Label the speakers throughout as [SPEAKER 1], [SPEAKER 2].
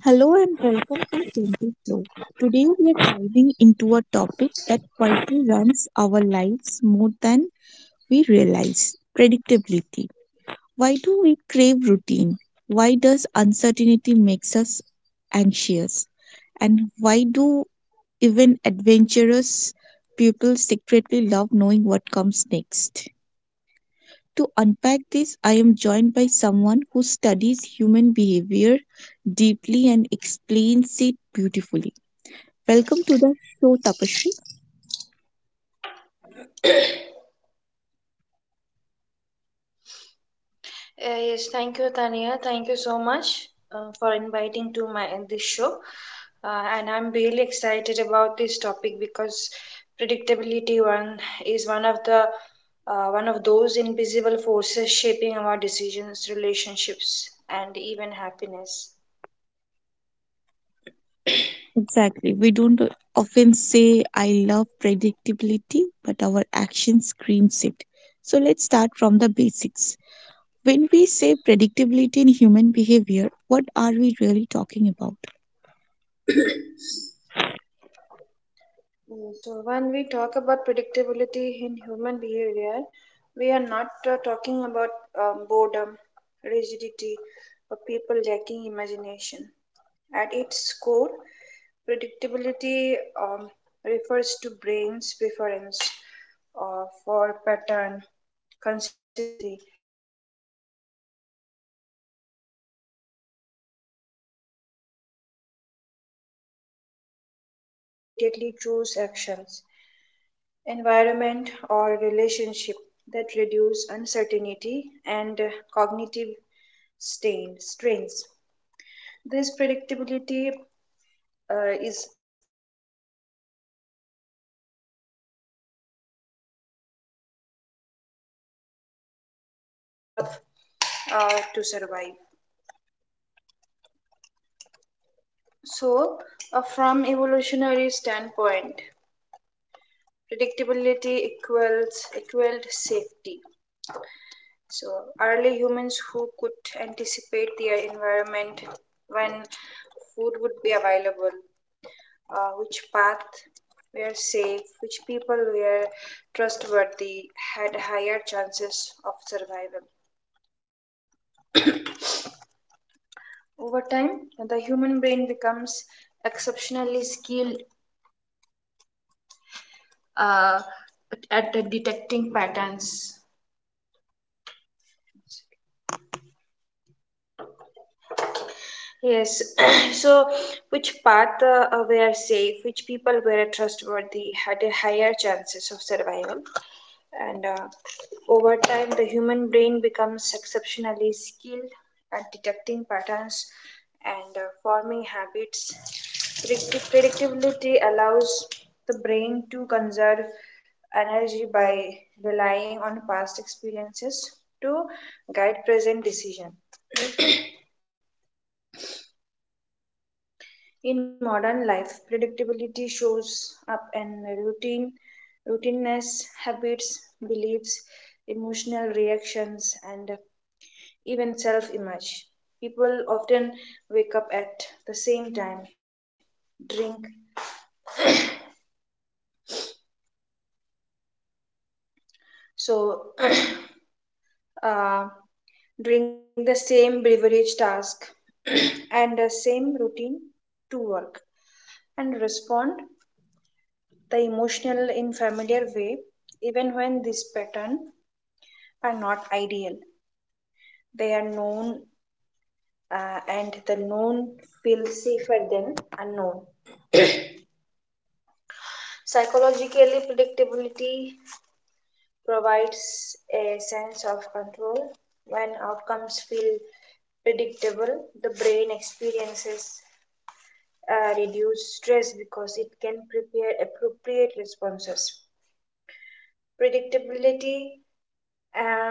[SPEAKER 1] Hello and welcome to Gentle Flow. Today we are diving into a topic that quietly runs our lives more than we realize predictability. Why do we crave routine? Why does uncertainty makes us anxious? And why do even adventurous people secretly love knowing what comes next? To unpack this, I am joined by someone who studies human behavior deeply and explains it beautifully. Welcome to the show, Tapashri.
[SPEAKER 2] Yes, thank you, Tania. Thank you so much for inviting to my this show. And I'm really excited about this topic because predictability one is one of the one of those invisible forces shaping our decisions, relationships, and even happiness.
[SPEAKER 1] Exactly. We don't often say, I love predictability, but our action screams it. So let's start from the basics. When we say predictability in human behavior, what are we really talking about?
[SPEAKER 2] So, when we talk about predictability in human behavior, we are not talking about boredom, rigidity, or people lacking imagination. At its core, predictability refers to brain's preference for pattern, consistency, and reliable outcome. Human behaviors becomes predictable when individuals repeatedly choose actions environment or relationship that reduce uncertainty and cognitive strains. This predictability uh, is, is less about conscious choice and more about how the brain evolve to survive. So from evolutionary standpoint, predictability equals equaled safety. So, early humans who could anticipate their environment when food would be available, which path were safe, which people were trustworthy, had higher chances of survival. Over time, the human brain becomes exceptionally skilled uh, at, at detecting patterns. Yes. So, which path were safe? Which people were trustworthy? Had a higher chances of survival? And over time, the human brain becomes exceptionally skilled at detecting patterns and forming habits. Predictability allows the brain to conserve energy by relying on past experiences to guide present decision. In modern life, predictability shows up in routineness, habits, beliefs, emotional reactions, and even self image. People often wake up at the same time, drink, so uh, drink the same beverage task and the same routine to work and respond the emotional in familiar way even when this pattern are not ideal known, and the known feel safer than unknown. Psychologically, predictability provides a sense of control. When outcomes feel predictable, the brain experiences reduced stress because it can prepare appropriate responses. Predictability uh,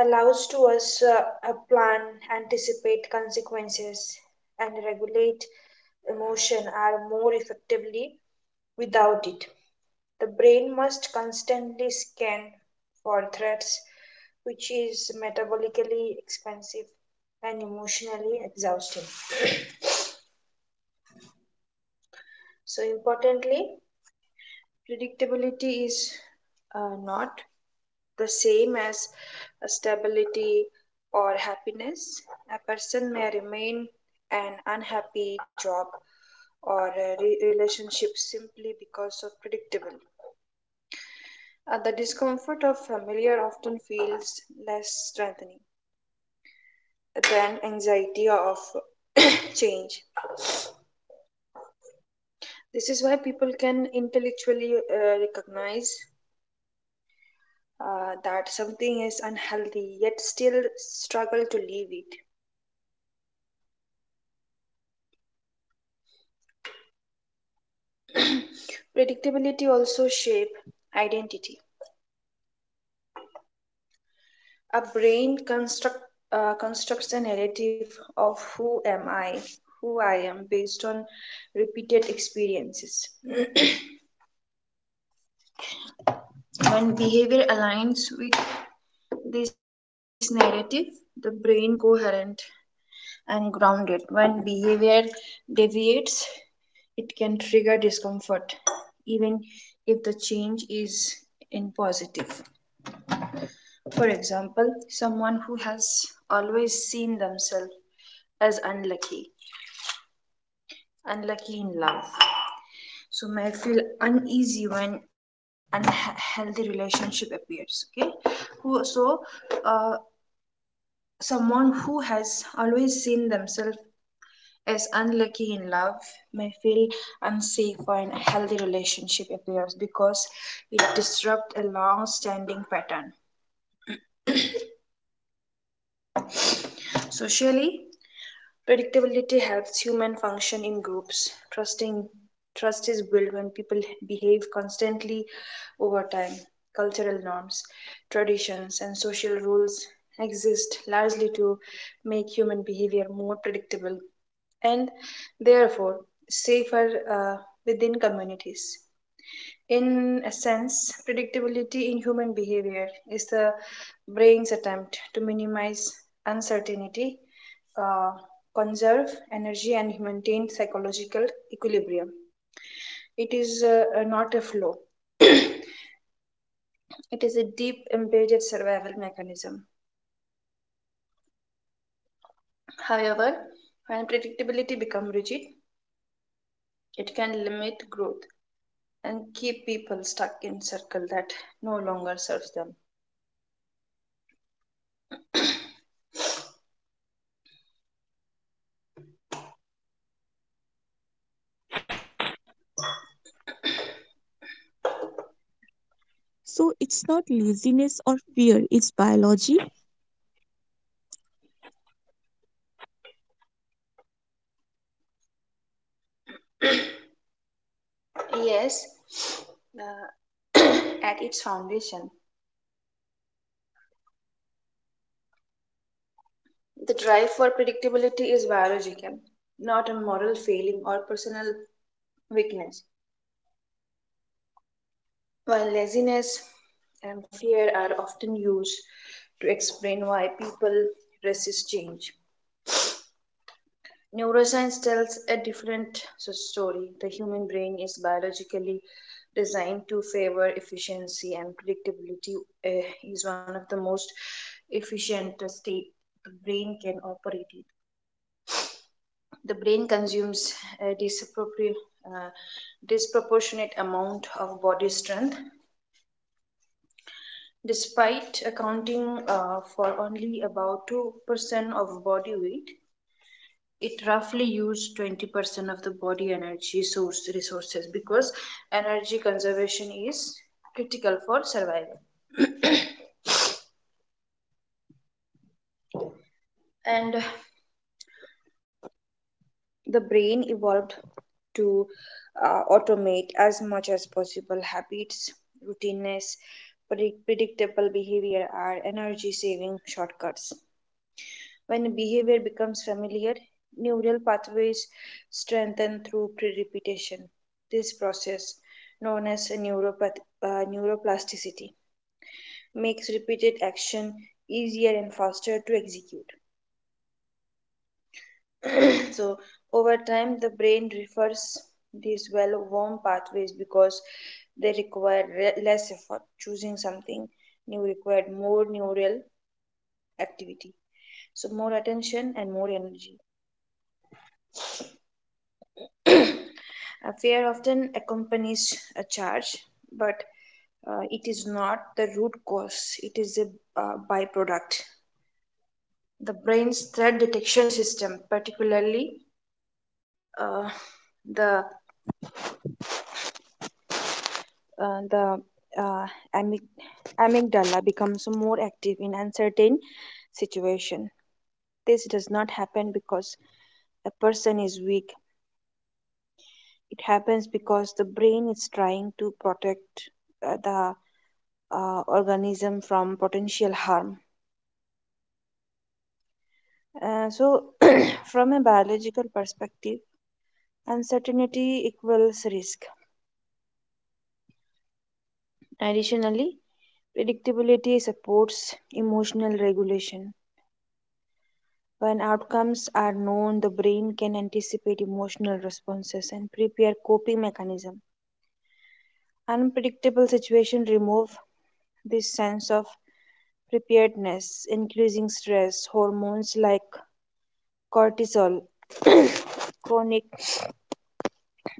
[SPEAKER 2] allows to us plan, anticipate consequences, and regulate emotion are more effectively without it. The brain must constantly scan for threats, which is metabolically expensive and emotionally exhausting. So, importantly, predictability is not the same as stability or happiness. A person may remain an unhappy job or a relationship simply because of predictable. The discomfort of familiar often feels less strengthening than anxiety of change. This is why people can intellectually recognize that something is unhealthy yet still struggle to leave it. Predictability also shape identity. A brain constructs a narrative of who I am based on repeated experiences. When behavior aligns with this narrative, the brain coherent and grounded. When behavior deviates, it can trigger discomfort even if the change is in positive. For example, someone has always seen themselves as unlucky, unlucky in love, so may feel uneasy when unhealthy relationship appears. Okay, who so uh, someone who has always seen themselves as unlucky in love may feel unsafe when a healthy relationship appears because it disrupts a long-standing pattern. Socially, predictability helps human function in groups. Trust is built when people behave constantly over time. Cultural norms, traditions, and social rules exist largely to make human behavior more predictable and therefore safer within communities. In essence, predictability in human behavior is the brain's attempt to minimize uncertainty, uh, conserve energy, and maintain psychological equilibrium. It is not a flaw, it is a deep embedded survival mechanism. However, when predictability becomes rigid, it can limit growth and keep people stuck in circles that no longer serves them.
[SPEAKER 1] So it's not laziness or fear, it's biology.
[SPEAKER 2] Yes, uh, at its foundation, the drive for predictability is biological, not a moral failing or personal weakness. While laziness and fear are often used to explain why people resist change, neuroscience tells a different story. The human brain is biologically designed to favor efficiency and predictability is one of the most efficient state the brain can operate in. The brain consumes a uh, disproportionate amount of body strength despite accounting for only about 2% of body weight it roughly used 20% of the body energy source resources because energy conservation is critical for survival and the brain evolved to automate as much as possible habits routineness predictable behavior are energy saving shortcuts. When a behavior becomes familiar, neural pathways strengthen through pre repetition. This process, known as neuroplasticity, makes repeated action easier and faster to execute. So, over time, the brain refers these well worn pathways because they require less effort. Choosing something new required more neural activity, so more attention and more energy. Fear often accompanies a charge, but it is not the root cause, it is a byproduct. The brain's threat detection system, particularly uh, the, uh, the uh, amic- amygdala, becomes more active in uncertain situation. This does not happen because a person is weak. It happens because the brain is trying to protect the organism from potential harm. So, from a biological perspective, uncertainty equals risk. Additionally, predictability supports emotional regulation. When outcomes are known, the brain can anticipate emotional responses and prepare coping mechanisms. Unpredictable situations remove this sense of preparedness, increasing stress, hormones like cortisol, chronic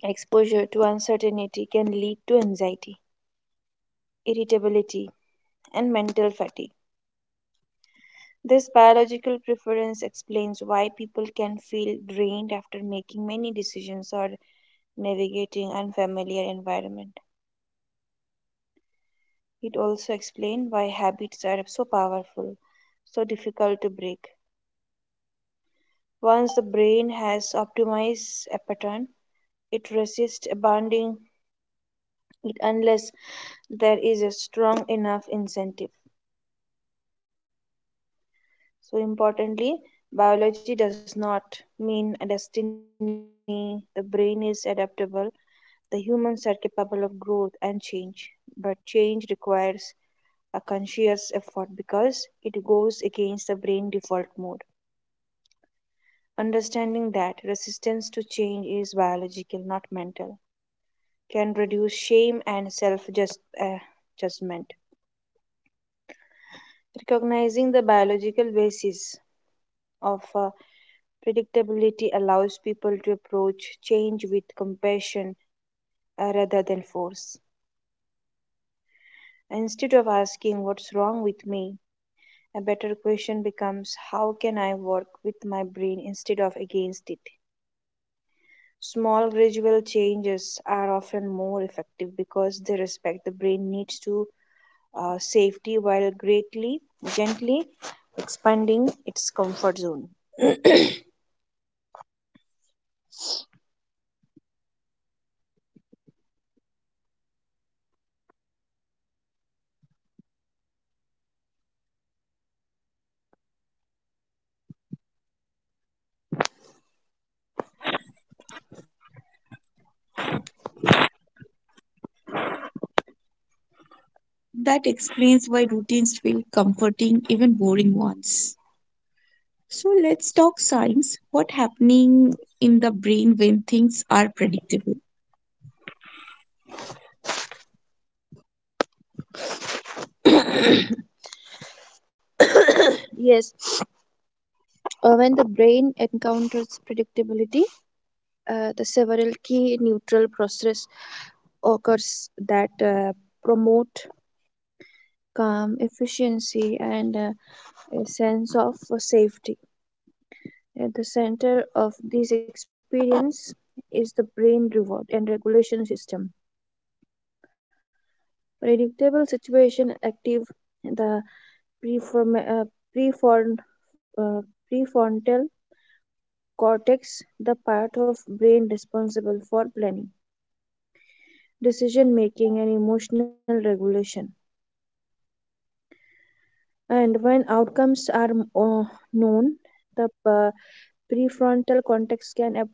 [SPEAKER 2] exposure to uncertainty can lead to anxiety, irritability, and mental fatigue. This biological preference explains why people can feel drained after making many decisions or navigating unfamiliar environment. It also explains why habits are so powerful, so difficult to break. Once the brain has optimized a pattern, it resists abandoning it unless there is a strong enough incentive. So, importantly, biology does not mean a destiny. The brain is adaptable. The humans are capable of growth and change. But change requires a conscious effort because it goes against the brain default mode. Understanding that resistance to change is biological, not mental, can reduce shame and self judgment. Recognizing the biological basis of predictability allows people to approach change with compassion rather than force. Instead of asking what's wrong with me, a better question becomes how can I work with my brain instead of against it. Small gradual changes are often more effective because they respect the brain needs to safety while greatly gently expanding its comfort zone.
[SPEAKER 1] That explains why routines feel comforting, even boring ones. So let's talk science. What happening in the brain when things are predictable?
[SPEAKER 2] Yes, when the brain encounters predictability, the several key neutral process occurs that promote calm, efficiency, and a sense of safety. At the center of this experience is the brain reward and regulation system. Predictable situation active the preform- uh, prefron- uh, prefrontal cortex, the part of brain responsible for planning, decision making, and emotional regulation. And when outcomes are uh, known the prefrontal cortex can ap-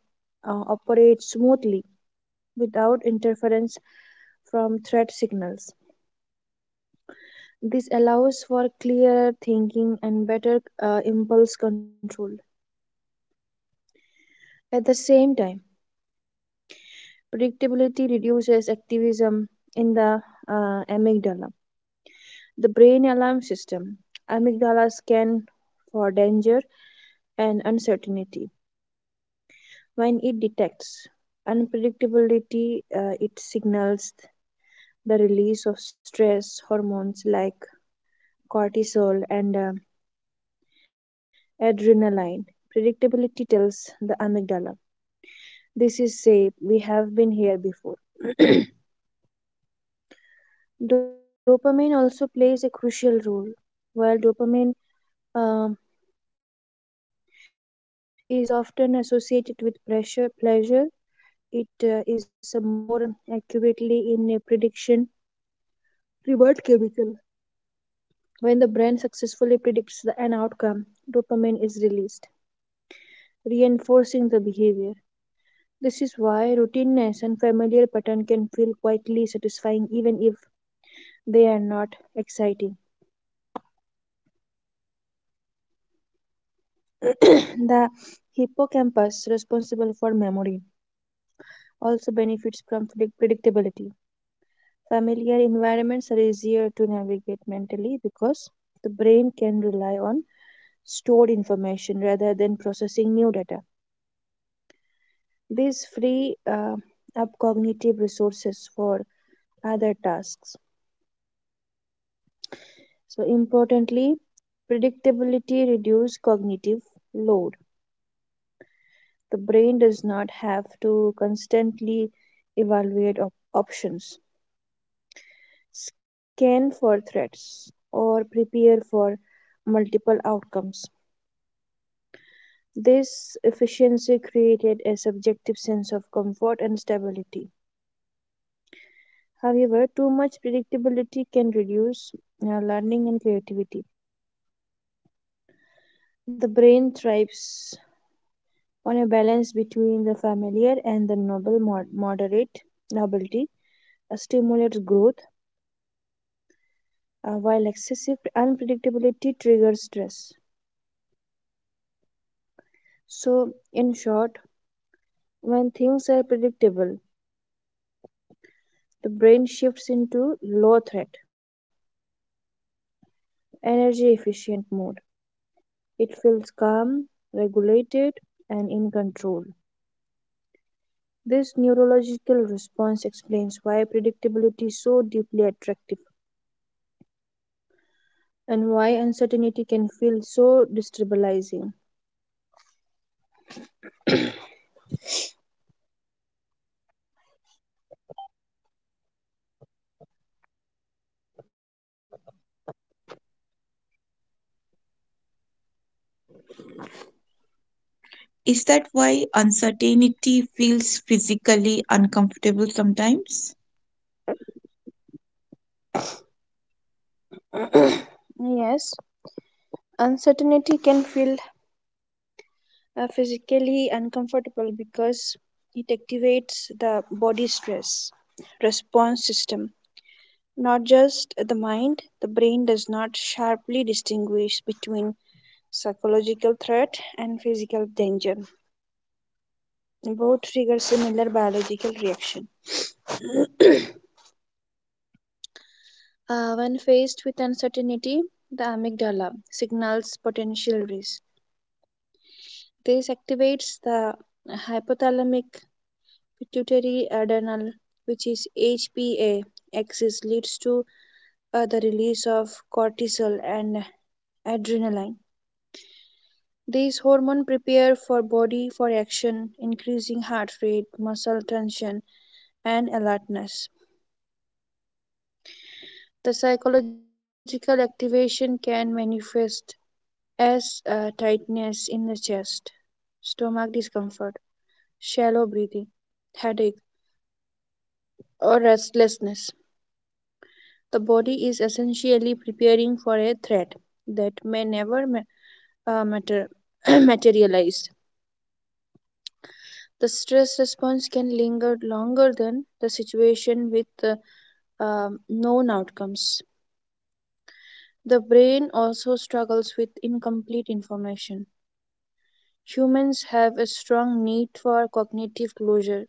[SPEAKER 2] uh, operate smoothly without interference from threat signals. This allows for clearer thinking and better impulse control. At the same time, predictability reduces activism in the amygdala, the brain alarm system. Amygdalas scan for danger and uncertainty. When it detects unpredictability, it signals the release of stress hormones like cortisol and adrenaline. Predictability tells the amygdala, this is safe, we have been here before. Dopamine also plays a crucial role. While dopamine um, is often associated with pleasure, it is more accurately in a prediction reward chemical. When the brain successfully predicts an outcome, dopamine is released, reinforcing the behavior. This is why routineness and familiar pattern can feel quietly satisfying even if they are not exciting. The hippocampus, responsible for memory, also benefits from predictability. Familiar environments are easier to navigate mentally because the brain can rely on stored information rather than processing new data. These free up cognitive resources for other tasks. So, importantly, predictability reduces cognitive load. The brain does not have to constantly evaluate options, scan for threats, or prepare for multiple outcomes. This efficiency created a subjective sense of comfort and stability. However, too much predictability can reduce learning and creativity. The brain thrives on a balance between the familiar and the novel moderate novelty stimulates growth while excessive unpredictability triggers stress. So, in short, when things are predictable, the brain shifts into low threat, energy efficient mode. It feels calm, regulated, and in control. This neurological response explains why predictability is so deeply attractive and why uncertainty can feel so destabilizing.
[SPEAKER 1] Is that why uncertainty feels physically uncomfortable sometimes?
[SPEAKER 2] Yes, uncertainty can feel physically uncomfortable because it activates the body stress response system, not just the mind. The brain does not sharply distinguish between psychological threat and physical danger. Both trigger similar biological reaction. Uh, when faced with uncertainty, the amygdala signals potential risk. This activates the hypothalamic pituitary adrenal, which is HPA axis, leads to the release of cortisol and adrenaline. These hormones prepare for body for action, increasing heart rate, muscle tension, and alertness. The psychological activation can manifest as tightness in the chest, stomach discomfort, shallow breathing, headache, or restlessness. The body is essentially preparing for a threat that may never uh, mater- materialize. The stress response can linger longer than situation with known outcomes. The brain also struggles with incomplete information. Humans have a strong need for cognitive closure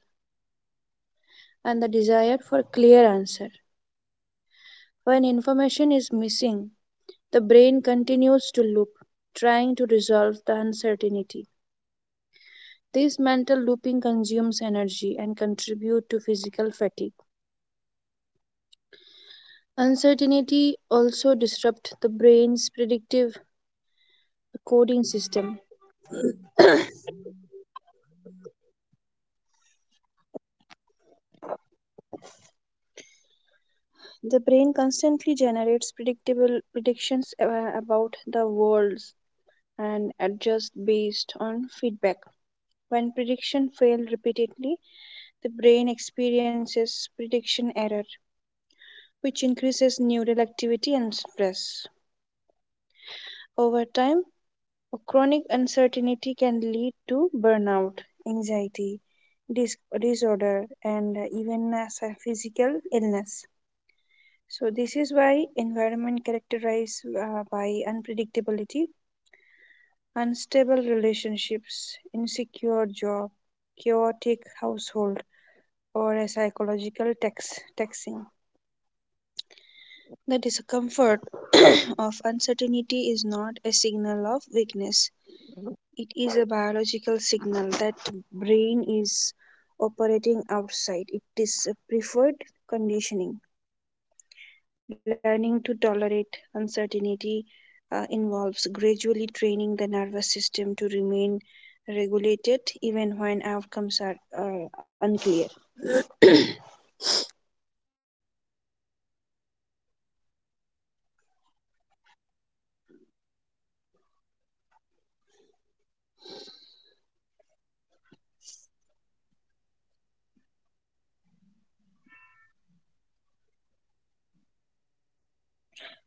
[SPEAKER 2] and the desire for clear answer. When information is missing, the brain continues to loop, trying to resolve the uncertainty. This mental looping consumes energy and contribute to physical fatigue. Uncertainty also disrupts the brain's predictive coding system. The brain constantly generates predictable predictions about the world and adjusts based on feedback. When prediction fail repeatedly, the brain experiences prediction error, which increases neural activity and stress. Over time, chronic uncertainty can lead to burnout, anxiety, disorder, and even as a physical illness. So, this is why environment characterized by unpredictability, unstable relationships, insecure job, chaotic household, or a psychological taxing. The discomfort of uncertainty is not a signal of weakness. It is a biological signal that brain is operating outside. It is a preferred conditioning. Learning to tolerate uncertainty involves gradually training the nervous system to remain regulated even when outcomes are unclear.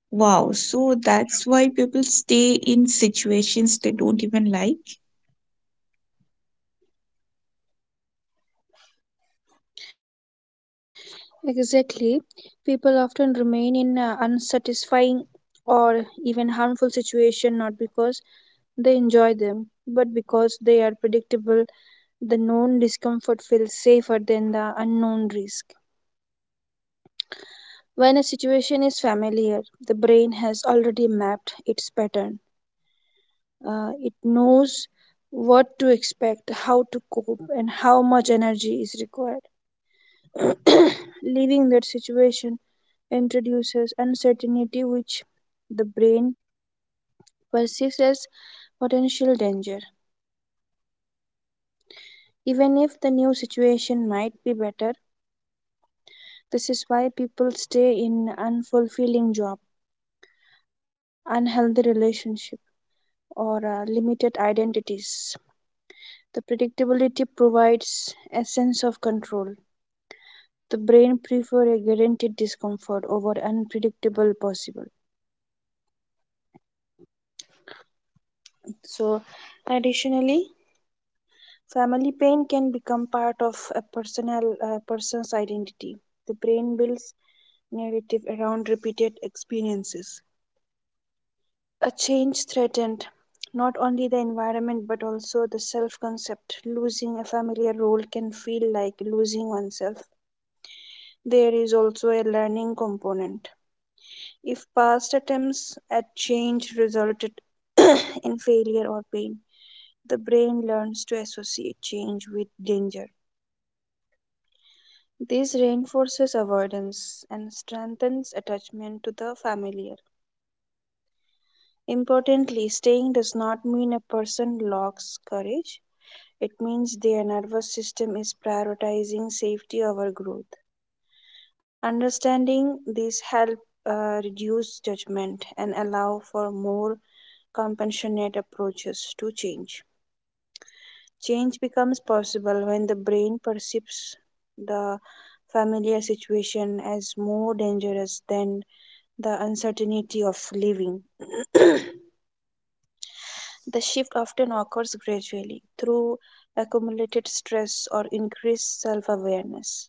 [SPEAKER 1] Wow, so that's why people stay in situations they don't even like.
[SPEAKER 2] Exactly. People often remain in unsatisfying or even harmful situation not because they enjoy them, but because they are predictable. Discomfort feels safer than the unknown risk. When a situation is familiar, the brain has already mapped its pattern. It knows what to expect, how to cope, and how much energy is required. Leaving that situation introduces uncertainty, which the brain perceives as potential danger, even if the new situation might be better. This is why people stay in unfulfilling job, unhealthy relationship, or limited identities. The predictability provides a sense of control. The brain prefers a guaranteed discomfort over unpredictable possible. So, additionally, family pain can become part of a personal person's identity. The brain builds narrative around repeated experiences. A change threatened not only the environment but also the self-concept. Losing a familiar role can feel like losing oneself. There is also a learning component. If past attempts at change resulted in failure or pain, the brain learns to associate change with danger. This reinforces avoidance and strengthens attachment to the familiar. Importantly, staying does not mean a person lacks courage, it means their nervous system is prioritizing safety over growth. Understanding this helps reduce judgment and allow for more compassionate approaches to change. Change becomes possible when the brain perceives the familiar situation as more dangerous than the uncertainty of living. The shift often occurs gradually through accumulated stress or increased self awareness.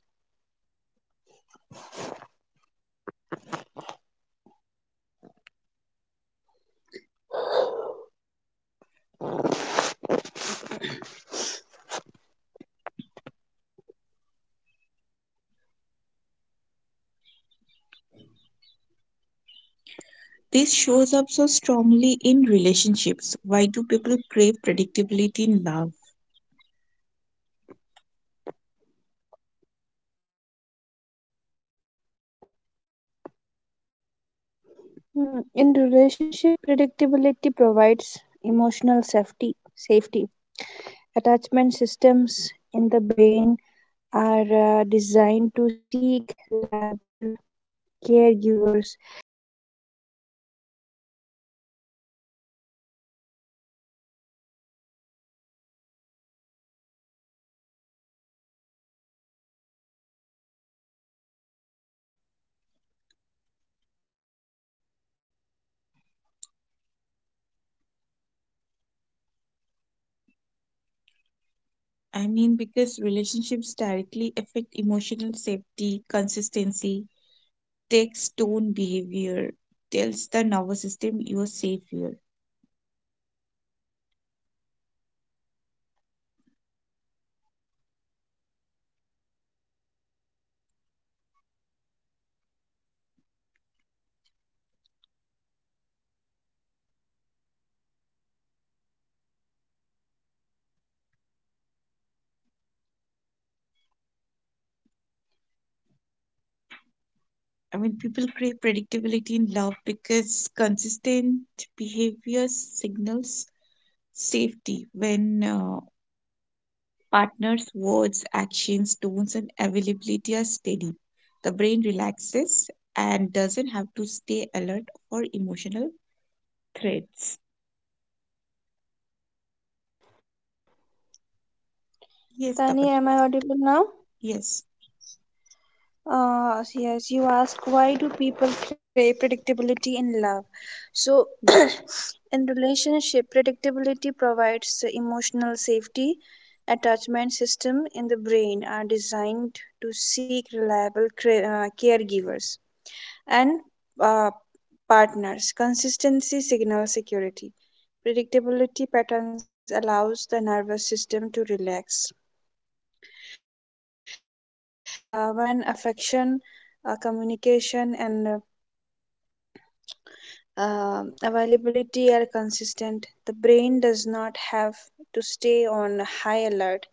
[SPEAKER 1] This shows up so strongly in relationships. Why do people crave predictability in love?
[SPEAKER 2] In relationship, predictability provides emotional safety. Attachment systems in the brain are designed to seek reliable caregivers and patterns.
[SPEAKER 1] I mean, because relationships directly affect emotional safety, consistency, takes tone behavior, tells the nervous system you're safe here. I mean, people crave predictability in love because consistent behavior signals safety when Partners' words, actions, tones, and availability are steady. The brain relaxes and doesn't have to stay alert for emotional threats. Yes,
[SPEAKER 2] Annie,
[SPEAKER 1] Tapasya.
[SPEAKER 2] am I audible now?
[SPEAKER 1] Yes,
[SPEAKER 2] Yes, you ask why do people crave predictability in love? So,
[SPEAKER 1] yes.
[SPEAKER 2] in relationship, predictability provides emotional safety. Attachment system in the brain are designed to seek reliable caregivers and uh, partners. Consistency signals security. Predictability patterns allows the nervous system to relax. When affection communication and availability are consistent, the brain does not have to stay on high alert.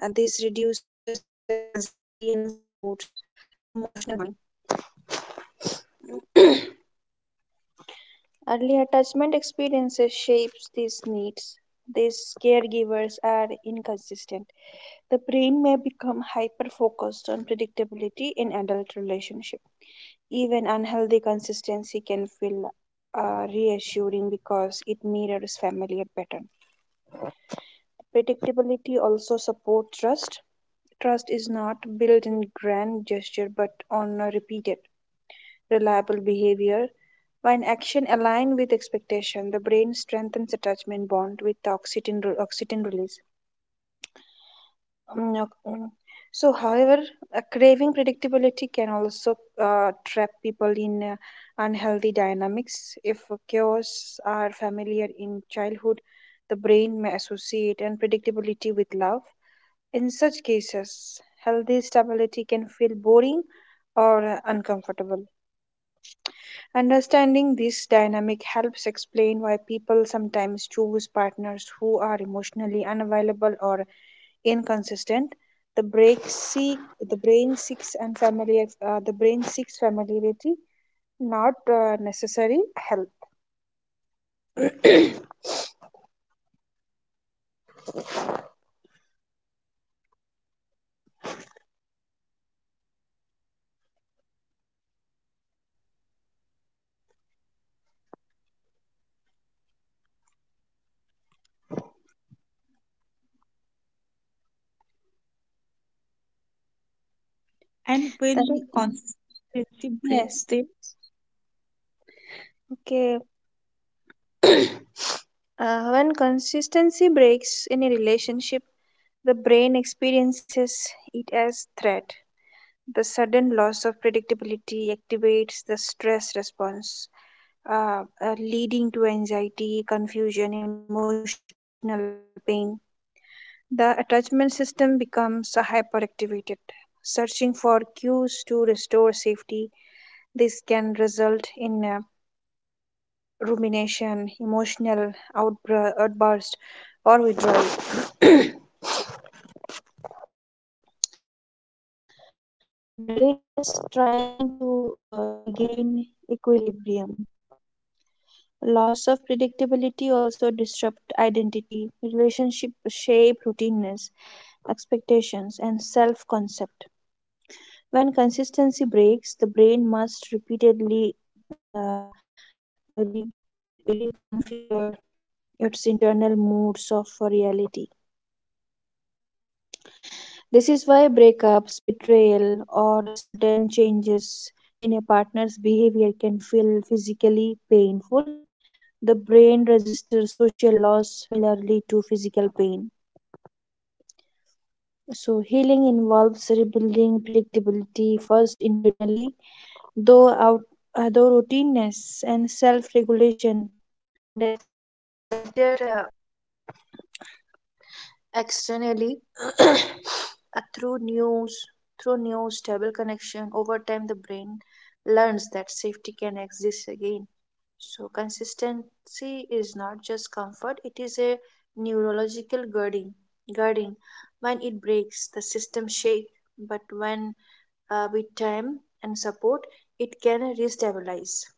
[SPEAKER 2] This reduces anxiety and supports emotional bonding. Early attachment experiences shapes these needs. These are inconsistent. The brain may become hyper focused on predictability in adult relationship. Even unhealthy consistency can feel reassuring because it mirrors familiar patterns. Predictability also supports trust. Trust is not built in grand gesture but on a repeated, reliable behavior. When action aligns with expectation, the brain strengthens attachment bond with the oxytocin release. Mm, mm. So, however, a craving predictability can also trap people in unhealthy dynamics. If chaos in childhood, the brain may associate unpredictability with love. In such cases, healthy stability can feel boring or uncomfortable. Understanding this dynamic helps explain why people sometimes choose partners who are emotionally unavailable or inconsistent. The brain seek the brain seeks familiarity, not necessary help.
[SPEAKER 1] And when that
[SPEAKER 2] The-
[SPEAKER 1] consistency
[SPEAKER 2] yes.
[SPEAKER 1] breaks them,
[SPEAKER 2] Okay. When consistency breaks in a relationship, the brain experiences it as threat. The sudden loss of predictability activates the stress response, leading to anxiety, confusion, emotional pain. The attachment system becomes hyperactivated, searching for cues to restore safety. This can result in rumination, emotional outburst, or withdrawal. The brain is trying to regain equilibrium. Loss of predictability also disrupt identity, relationship shape routineness, expectations, and self-concept. When consistency breaks, the brain must repeatedly uh, re- reconfigured its internal moods of reality. This is why breakups, betrayal, or sudden changes in a partner's behavior can feel physically painful. The brain registers social loss similarly to physical pain. So, healing involves rebuilding predictability first internally, though out, though routineness and self-regulation, and later externally uh, through news, through new stable connection. Over time, the brain learns that safety can exist again. So, consistency is not just comfort, it is a neurological guarding. guarding. When it breaks, system shakes, but when with time and support, it can restabilize.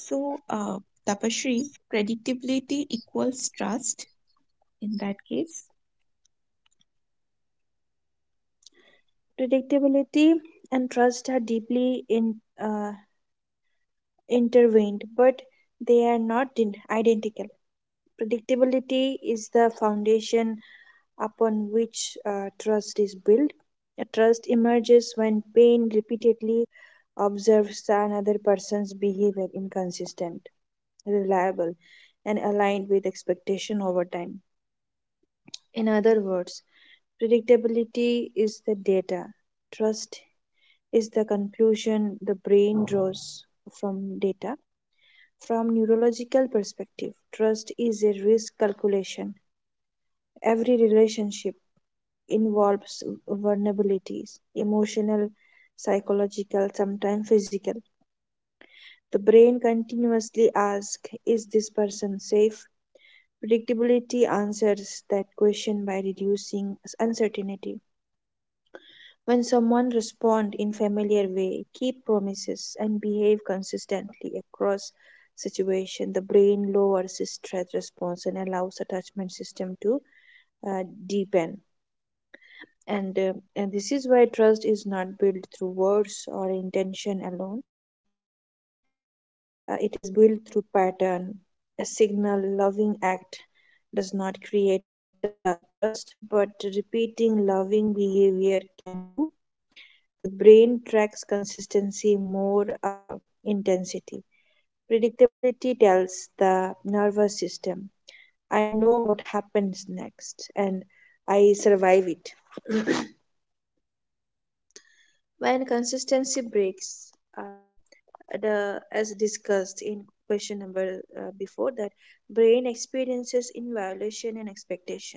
[SPEAKER 1] so Tapasree, predictability equals trust in that case.
[SPEAKER 2] Predictability and trust are deeply uh, intertwined, but they are not identical. Predictability is the foundation upon which trust is built. A trust emerges when pain repeatedly observes another person's behavior inconsistent, reliable, and aligned with expectation over time. In other words, predictability is the data, trust is the conclusion the brain draws from data. From neurological perspective, trust is a risk calculation. Every relationship involves vulnerabilities emotional, psychological, sometimes physical. The brain continuously asks, is this person safe? Predictability answers that question by reducing uncertainty. When someone responds in familiar way, keep promises, and behave consistently across situation, the brain lowers stress response and allows attachment system to deepen. And this is why trust is not built through words or intention alone. It is built through pattern, a signal loving act does not create trust but repeating loving behavior can do. The brain tracks consistency more uh, intensity. Predictability tells the nervous system, I know what happens next and I survive it. When consistency breaks, uh, the as discussed in question number before that, brain experiences in violation and expectation.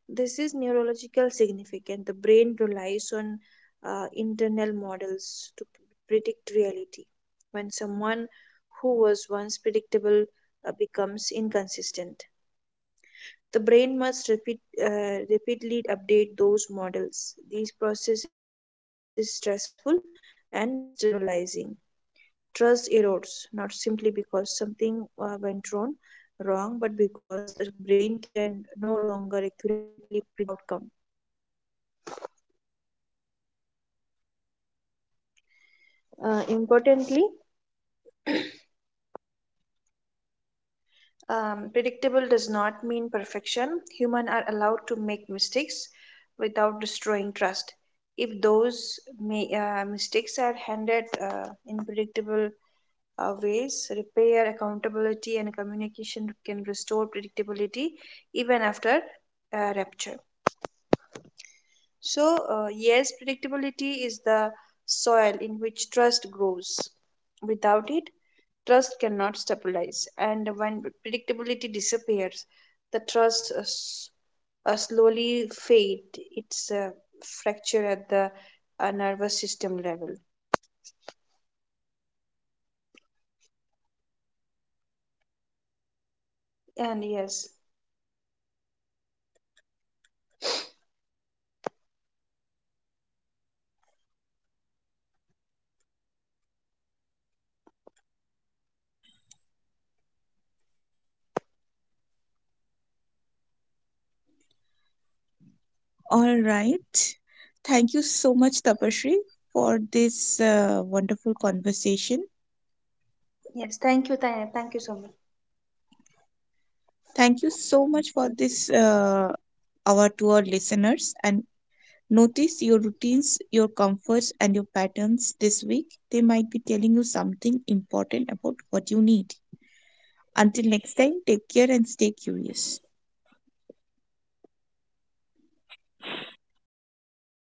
[SPEAKER 2] This is neurological significant. The brain relies on internal models to predict reality. When someone who was once predictable becomes inconsistent, the brain must repeatedly update those models. This process is stressful and destabilizing. Trust erodes not simply because something wrong, but because the brain can no longer accurately predict outcome. Importantly, predictable does not mean perfection. Humans are allowed to make mistakes without destroying trust. If those mistakes are handled in predictable ways, repair, accountability, and communication can restore predictability even after rupture. So, yes, predictability is the soil in which trust grows. Without it, trust cannot stabilize, and when predictability disappears, the trust slowly fade. It's a fracture at the nervous system level. And yes,
[SPEAKER 1] All right. Thank you so much, Tapasree, for this wonderful conversation.
[SPEAKER 2] yes, thank you, Tanya. Thank you so much.
[SPEAKER 1] Thank you so much for this, our to our listeners. And notice your routines, your comforts, and your patterns this week. They might be telling you something important about what you need. Until next time, take care and stay curious.